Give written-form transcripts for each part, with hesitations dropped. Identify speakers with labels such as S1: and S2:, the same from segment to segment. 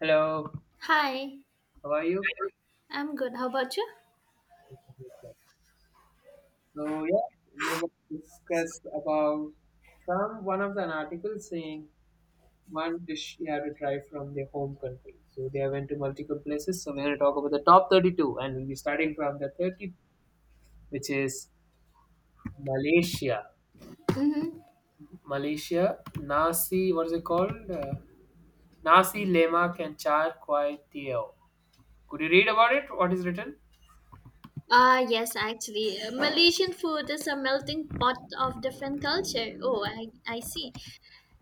S1: Hello,
S2: Hi,
S1: how are you?
S2: I'm good. How about you?
S1: So yeah, we're going to discuss about from one of an article saying one dish you have to try from their home country. So they went to multiple places. So we're going to talk about the top 32, and we'll be starting from the 30, which is Malaysia.
S2: Mm-hmm.
S1: Malaysia nasi, what is it called? Nasi lemak and char kway teow. Could you read about it? What is written?
S2: Malaysian food is a melting pot of different culture. Oh, I see.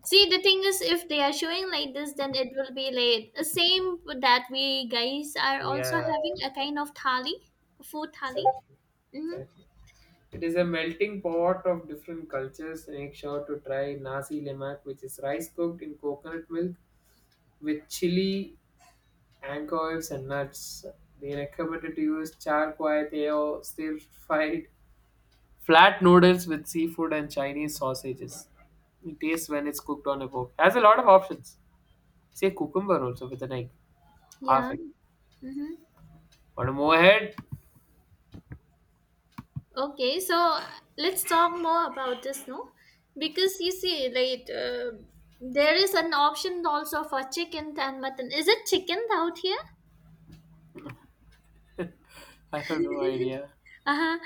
S2: See, the thing is, if they are showing like this, then it will be like the same that we guys are also
S1: Yeah,
S2: having a kind of thali, food thali.
S1: exactly,
S2: Mm-hmm.
S1: exactly. It is a melting pot of different cultures. Make sure to try nasi lemak, which is rice cooked in coconut milk with chili, anchovies, and nuts. They recommended to use char kway teo, stir-fried flat noodles with seafood and Chinese sausages. It tastes when it's cooked on a fork. Has a lot of options. Say cucumber also with an egg, half
S2: Yeah.
S1: egg.
S2: Mm-hmm.
S1: Want to move ahead?
S2: Okay, so uh, let's talk more about this, no? Because you see, there is an option also for chicken and mutton. Is it chicken out here?
S1: I have no idea.
S2: Uh-huh.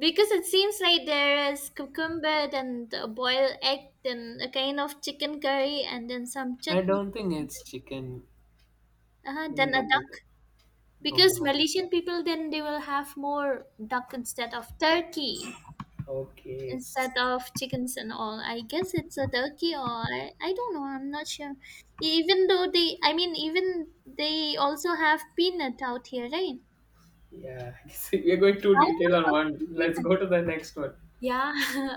S2: Because it seems like there is cucumber and a boiled egg, then a kind of chicken curry, and then some
S1: I
S2: chutneys,
S1: don't think
S2: and
S1: it's chicken.
S2: then, uh-huh, then
S1: Doesn't
S2: a
S1: look like that.
S2: duck.
S1: Don't
S2: Because
S1: know.
S2: Malaysian people, then they will have more duck instead of turkey.
S1: Okay, it's.
S2: Instead of chickens and all. I guess it's a turkey, or I don't know, I'm not sure. Even though they I mean even they also have peanut out here, right?
S1: Yeah, I we are going too
S2: How
S1: detail on
S2: about
S1: one. Let's
S2: peanut?
S1: go to the next one.
S2: Yeah,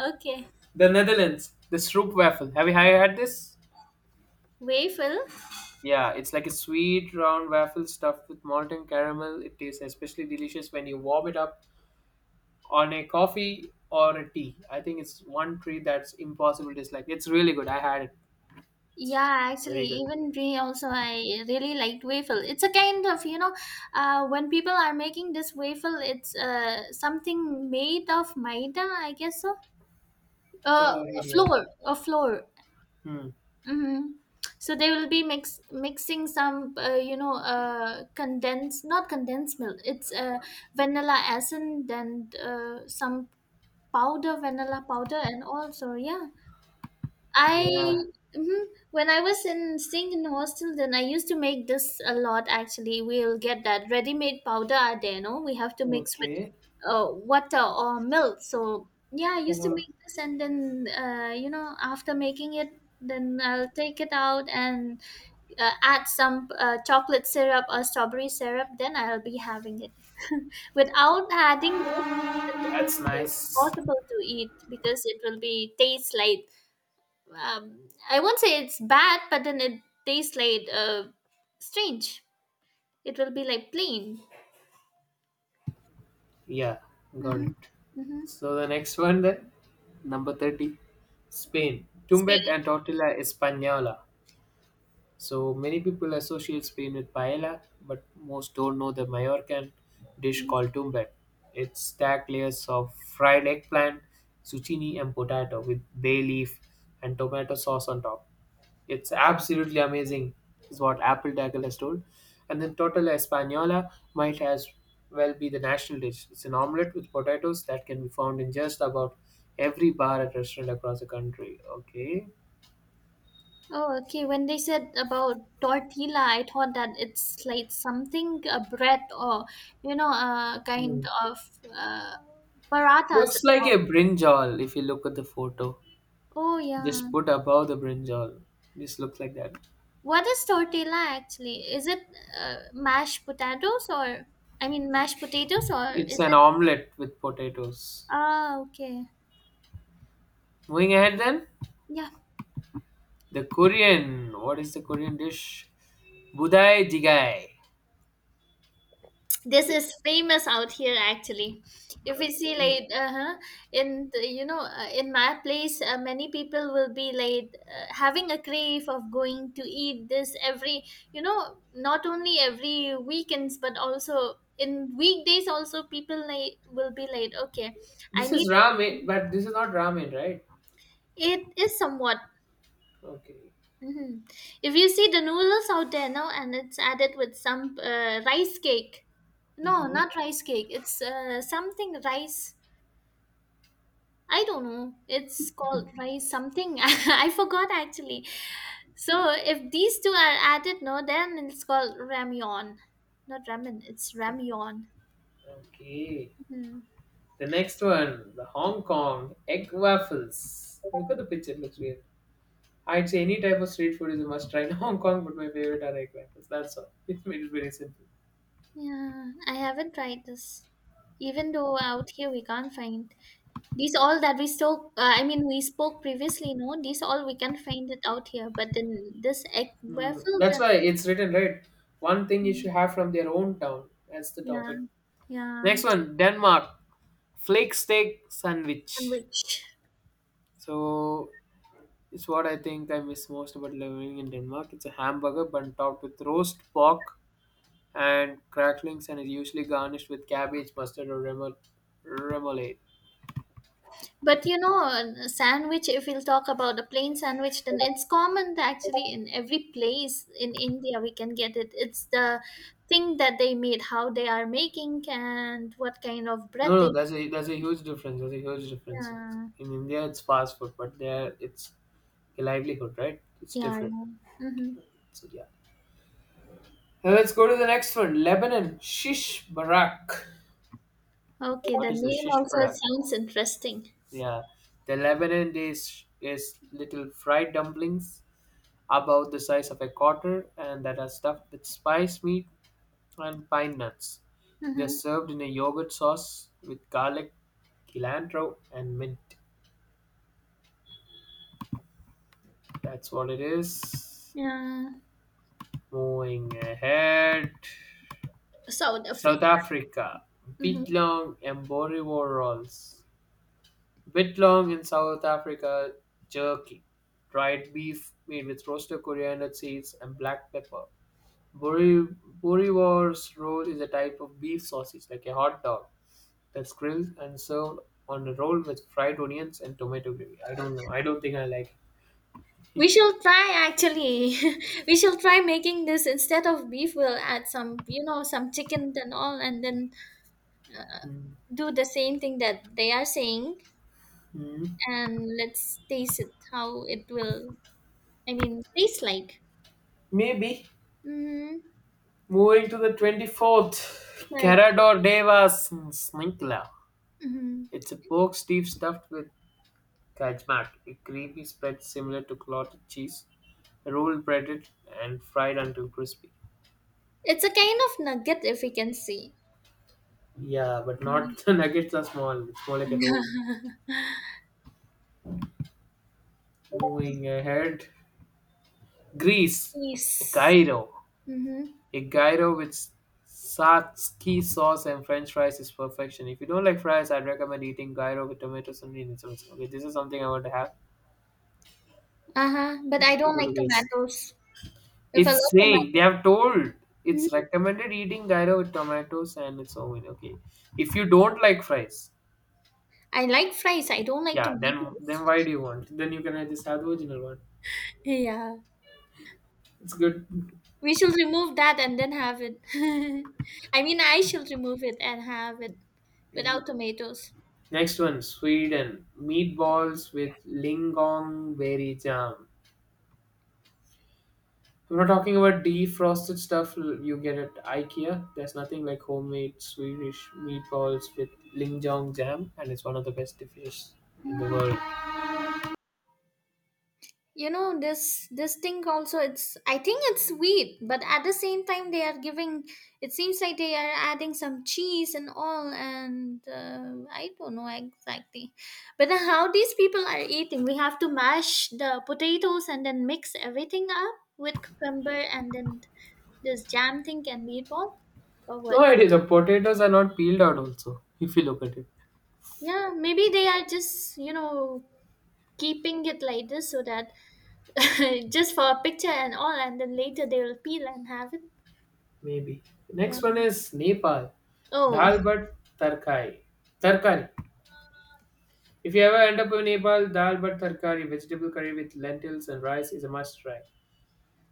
S2: okay.
S1: The Netherlands, the stroopwafel. Have you had this?
S2: Waffle.
S1: Yeah, it's like a sweet round waffle stuffed with molten caramel. It tastes especially delicious when you warm it up on a coffee or a tea. I think it's one treat that's impossible to dislike. It's really good. I had it.
S2: Yeah, actually,
S1: Very good.
S2: even we also, I really liked waffle. It's a kind of, you know, When people are making this waffle, it's something made of maida, I guess so. Uh,
S1: Oh,
S2: a
S1: yeah.
S2: flour, a flour.
S1: Hmm.
S2: Mm-hmm. So they will be mixing some, you know, condensed not condensed milk. It's vanilla essence, and some powder, vanilla powder, and also yeah. I
S1: Yeah.
S2: mhm. when I was in staying in hostel, then I used to make this a lot. Actually, we'll get that ready-made powder are there. No, we have to mix with
S1: Okay.
S2: water or milk. So yeah, I used to
S1: Uh,
S2: make this, and then you know after making it, then I'll take it out and add some chocolate syrup or strawberry syrup. Then I'll be having it without adding those things. That it will
S1: that's
S2: be like
S1: nice.
S2: impossible to eat because it will be taste like I won't say it's bad, but then it tastes like strange. It will be like plain.
S1: Yeah, got
S2: Mm-hmm.
S1: it.
S2: Mm-hmm.
S1: So the next one then, number 30, Spain. Tumbet
S2: Spain.
S1: and tortilla española. So many people associate Spain with paella, but most don't know the Mallorcan dish
S2: Mm.
S1: called tumbet. It's stacked layers of fried eggplant, zucchini, and potato with bay leaf and tomato sauce on top. It's absolutely amazing, is what apple tackle has told. And then total española might as well be the national dish. It's an omelette with potatoes that can be found in just about every bar and restaurant across the country. Okay.
S2: Oh, okay. When they said about tortilla, I thought that it's like something a bread or you know a kind
S1: Hmm.
S2: of uh, parathas.
S1: Looks like a brinjal if you look at the photo.
S2: Oh yeah.
S1: Just put above the brinjal. This looks like that.
S2: What is tortilla actually? Is it mashed potatoes or mashed potatoes or
S1: It's
S2: is
S1: an
S2: it?
S1: omelette with potatoes.
S2: Ah, okay.
S1: Moving ahead then,
S2: Yeah,
S1: the Korean. What is the Korean dish? Budai jigae.
S2: this
S1: It-.
S2: is famous out here actually if we see
S1: Okay.
S2: like uh-huh, in the, in my place many people will be like having a crave of going to eat this every you know not only every weekends but also in weekdays also people like will be like okay I
S1: This
S2: need
S1: is ramen, but this is not ramen, right?
S2: it is somewhat
S1: Okay.
S2: hmm. If you see the noodles out there now, and it's added with some rice cake. No,
S1: Hmm.
S2: not rice cake. It's something rice. I don't know. It's called rice something. I forgot actually. So if these two are added, no, then it's called ramyeon. Not ramen. It's ramyeon.
S1: Okay.
S2: Hmm.
S1: The next one, the Hong Kong egg waffles. Look at the picture; it looks weird. I'd say any type of street food is a must try in Hong Kong, but my favorite are egg waffles. That's all. It made it very simple.
S2: Yeah, I haven't tried this. Even though out here we can't find. These all that we spoke, we spoke previously, no? These all we can find it out here, but then this egg
S1: Mm,
S2: waffle,
S1: that's
S2: then
S1: why it's written right. One thing you
S2: mm,
S1: should have from their own town. That's the
S2: yeah,
S1: topic.
S2: yeah,
S1: Next one, Denmark flake steak sandwich.
S2: sandwich.
S1: So it's what I think I miss most about living in Denmark. It's a hamburger bun topped with roast pork and cracklings, and is usually garnished with cabbage, mustard, or remoulade.
S2: But you know, sandwich, if we'll talk about a plain sandwich, then it's common that actually in every place in India we can get it. It's the thing that they made, how they are making, and what kind of bread
S1: No, no,
S2: they.
S1: that's a huge difference. That's a huge difference.
S2: Yeah,
S1: In India, it's fast food, but there it's a livelihood, right? It's
S2: yeah,
S1: different.
S2: yeah. Mm-hmm.
S1: So yeah. Now let's go to the next one. Lebanon shish barak.
S2: Okay,
S1: What
S2: the
S1: is the
S2: name
S1: shish
S2: also
S1: barak?
S2: sounds interesting.
S1: Yeah, the Lebanon dish is little fried dumplings about the size of a quarter and that are stuffed with spice meat and pine nuts. They're
S2: Mm-hmm.
S1: served in a yogurt sauce with garlic, cilantro, and mint. That's what it is.
S2: Yeah.
S1: Moving ahead.
S2: South
S1: South
S2: Africa.
S1: Africa.
S2: Mhm.
S1: Bitlong and Borivor rolls. Bitlong in South Africa, jerky. Dried beef made with roasted coriander seeds and black pepper. Bori Borivor's roll is a type of beef sausage, like a hot dog, that's grilled and served on a roll with fried onions and tomato gravy. I don't know. I don't think I like it.
S2: We shall try actually. We shall try making this instead of beef. We'll add some, you know, some chicken and all, and then
S1: Mm.
S2: do the same thing that they are saying,
S1: Mm.
S2: and let's taste it how it will. I mean, taste like.
S1: Maybe.
S2: Mm-hmm.
S1: Moving to the 24th, Carador Devas Sninkla.
S2: Mm-hmm.
S1: It's a pork stew stuffed with kajmak, a creamy spread similar to clotted cheese, rolled, breaded, and fried until crispy.
S2: It's a kind of nugget if we can see.
S1: Yeah, but
S2: Mhm.
S1: not the nuggets are small. It's more like a roll. Moving ahead, Greece,
S2: Yes.
S1: gyro.
S2: Mm-hmm.
S1: A gyro with satsuki sauce and French fries is perfection. If you don't like fries, I'd recommend eating gyro with tomato sauce and sauce. Okay, this is something I want to have.
S2: Uh huh. But
S1: You
S2: I
S1: have to
S2: don't
S1: go
S2: like
S1: to Greece.
S2: tomatoes. If I love
S1: It's saying they
S2: tomatoes.
S1: have told it's
S2: Mm-hmm.
S1: recommended eating gyro with tomatoes and it's oven. Okay, if you don't like fries,
S2: I like fries. I don't like
S1: yeah, then
S2: tomatoes.
S1: then why do you want? Then you can just have the original one.
S2: Yeah.
S1: It's good.
S2: We should remove that and then have it. I mean, I should remove it and have it without
S1: Maybe.
S2: tomatoes.
S1: Next one, Sweden. Meatballs with lingonberry jam. If we're talking about defrosted stuff you get at IKEA. There's nothing like homemade Swedish meatballs with linjong jam, and it's one of the best dishes in the world.
S2: You know this thing also, it's I think it's sweet, but at the same time they are giving, it seems like they are adding some cheese and all, and I don't know exactly, but then how these people are eating, we have to mash the potatoes and then mix everything up with cucumber and then this jam thing and meatball or
S1: No
S2: what.
S1: idea, the potatoes are not peeled out also, if you look at it.
S2: Yeah, maybe they are just you know keeping it like this so that just for a picture and all, and then later they will peel and have it.
S1: Maybe.
S2: Yeah.
S1: Next one is Nepal.
S2: Oh,
S1: Dal but tarkai. Tarkari. If you ever end up in Nepal, dal but tarkari, vegetable curry with lentils and rice is a must try.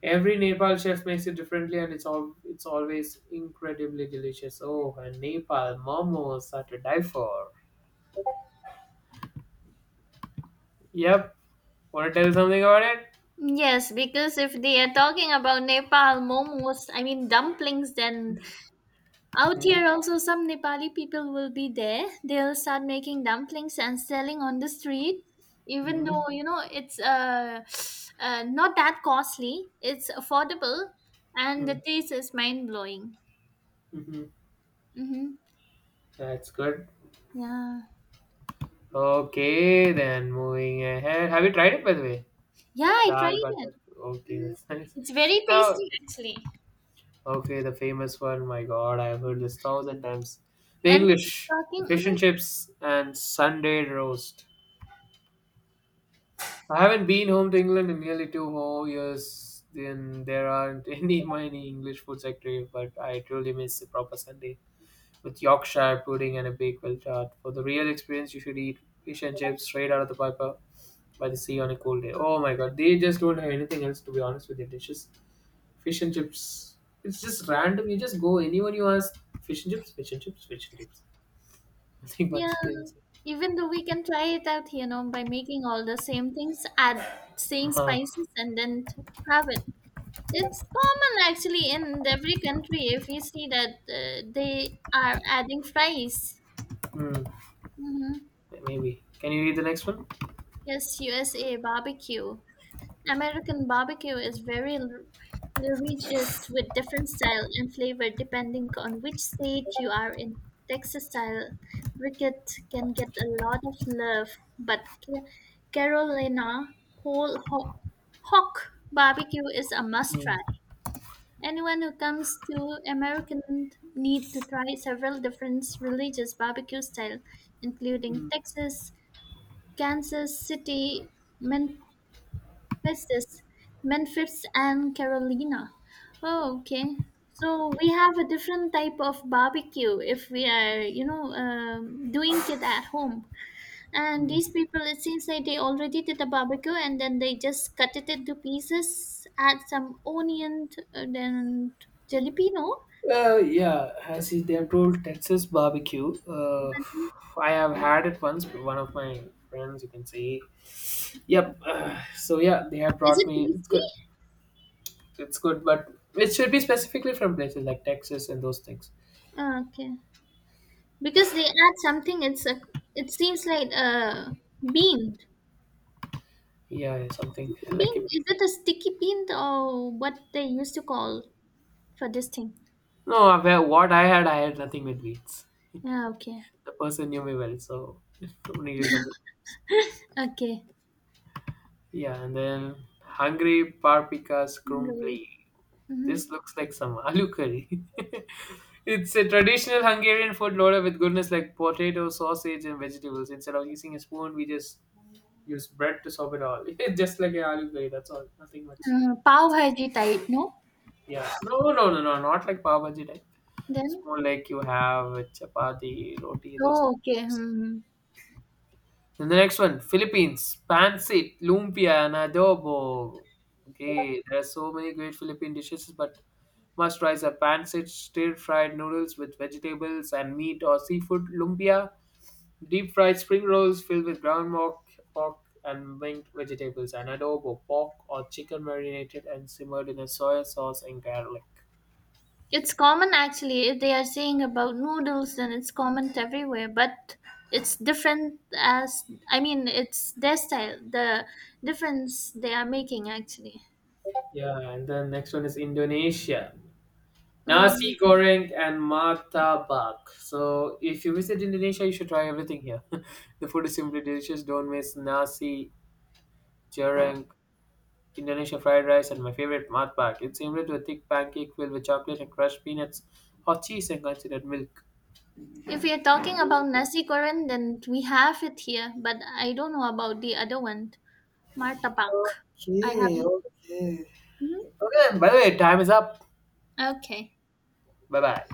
S1: Every Nepal chef makes it differently, and it's always incredibly delicious. Oh, and Nepal momos are to die for. Yep. Want to tell something about it?
S2: yes, because if they are talking about Nepal momos, I mean dumplings, then out here also some Nepali people will be there. They'll start making dumplings and selling on the street, even
S1: Mm-hmm.
S2: though you know it's not that costly. It's affordable, and the taste is mind blowing.
S1: Mm-hmm.
S2: Mm-hmm.
S1: That's good.
S2: Yeah.
S1: Okay, then moving ahead. Have you tried it by the way?
S2: Yeah, I
S1: Dal
S2: tried it.
S1: butter. Okay,
S2: Mhm.
S1: that's nice.
S2: It's very
S1: Now,
S2: tasty actually.
S1: okay, the famous one. My God, I've heard this thousand times. The
S2: And
S1: English, the
S2: talking,
S1: fish
S2: mhm,
S1: and chips, and Sunday roast. I haven't been home to England in nearly 2 whole years. Then there aren't any many English food sector, but I truly miss a proper Sunday with Yorkshire pudding and a baked well tart. For the real experience, you should eat fish and chips straight out of the piper by the sea on a cold day. Oh my god, they just don't have anything else to be honest with their dishes. Fish and chips, it's just random. You just go anywhere you ask, fish and chips, fish and chips, fish and chips. Nothing much.
S2: yeah.
S1: They say.
S2: Even though we can try it out, you know, by making all the same things, add same
S1: Uh-huh.
S2: spices, and then have it. It's common actually in every country. If you see that they are adding fries,
S1: Hmm.
S2: hmm.
S1: Maybe. Can you read the next one?
S2: Yes, USA barbecue. American barbecue is very litigious with different style and flavor depending on which state you are in. Texas style briquette can get a lot of love, but Carolina whole ho- hawk barbecue is a must try.
S1: Hmm.
S2: Anyone who comes to American need to try several different religious barbecue style, including
S1: Hmm.
S2: Texas, Kansas City, Min- What's this? Memphis and Carolina. Oh, okay. So we have a different type of barbecue if we are, you know, doing it at home. And
S1: Hmm.
S2: these people, it seems like they already did the barbecue and then they just cut it into pieces, add some onion and then jalapeno.
S1: Yeah, as is they have told Texas barbecue.
S2: And
S1: I have had it once, but one of my friends, you can say. Yep. So yeah, they have
S2: is
S1: brought
S2: it
S1: me. It's
S2: tasty?
S1: good. It's good, but it should be specifically from places like Texas and those things.
S2: Ah, okay, because they add something. It's a. It seems like a bean.
S1: Yeah, yeah, something
S2: Sticky
S1: like
S2: bean?
S1: it.
S2: Is it a sticky bean or what they used to call for this thing?
S1: No, well, what I had nothing with meats.
S2: Yeah, okay.
S1: The person knew me well, so needed of the.
S2: Okay.
S1: Yeah, and then hungry paprika's
S2: Glory.
S1: crumbly.
S2: Mm-hmm.
S1: This looks like some aloo curry. it's a traditional Hungarian food loaded with goodness like potato, sausage, and vegetables. Instead of using a spoon, we just use bread to soak it all. just like a aloo curry, that's all. Nothing much.
S2: Pav Bhaji type, no?
S1: Yeah. No, no, no, no. Not like pav bhaji type. It's
S2: Then?
S1: more like you have chapati, roti, those
S2: Oh, okay.
S1: types.
S2: Hmm.
S1: Then the next one, Philippines, pancit, lumpia, and adobo. Okay, there are so many great Philippine dishes, but must rice are pancit, stir-fried noodles with vegetables and meat or seafood, lumpia, deep-fried spring rolls filled with ground pork, pork and winged vegetables, and adobo, pork or chicken marinated and simmered in a soy sauce and garlic.
S2: It's common actually. If they are saying about noodles then it's common everywhere, but it's different as, I mean, it's their style, the difference they are making actually.
S1: Yeah, and then next one is Indonesia.
S2: Oh,
S1: Nasi goreng and martabak. So if you visit Indonesia, you should try everything here. the food is simply delicious. Don't miss nasi goreng Indonesia fried rice and my favorite matbak. It's similar to a thick pancake filled with chocolate and crushed peanuts or cheese and considered milk.
S2: if we are talking about nasi goreng, then we have it here, but I don't know about the other one, martabak. I
S1: Okay,
S2: haven't.
S1: okay.
S2: Mhm.
S1: Okay, and by the way, time is up.
S2: Okay.
S1: Bye bye.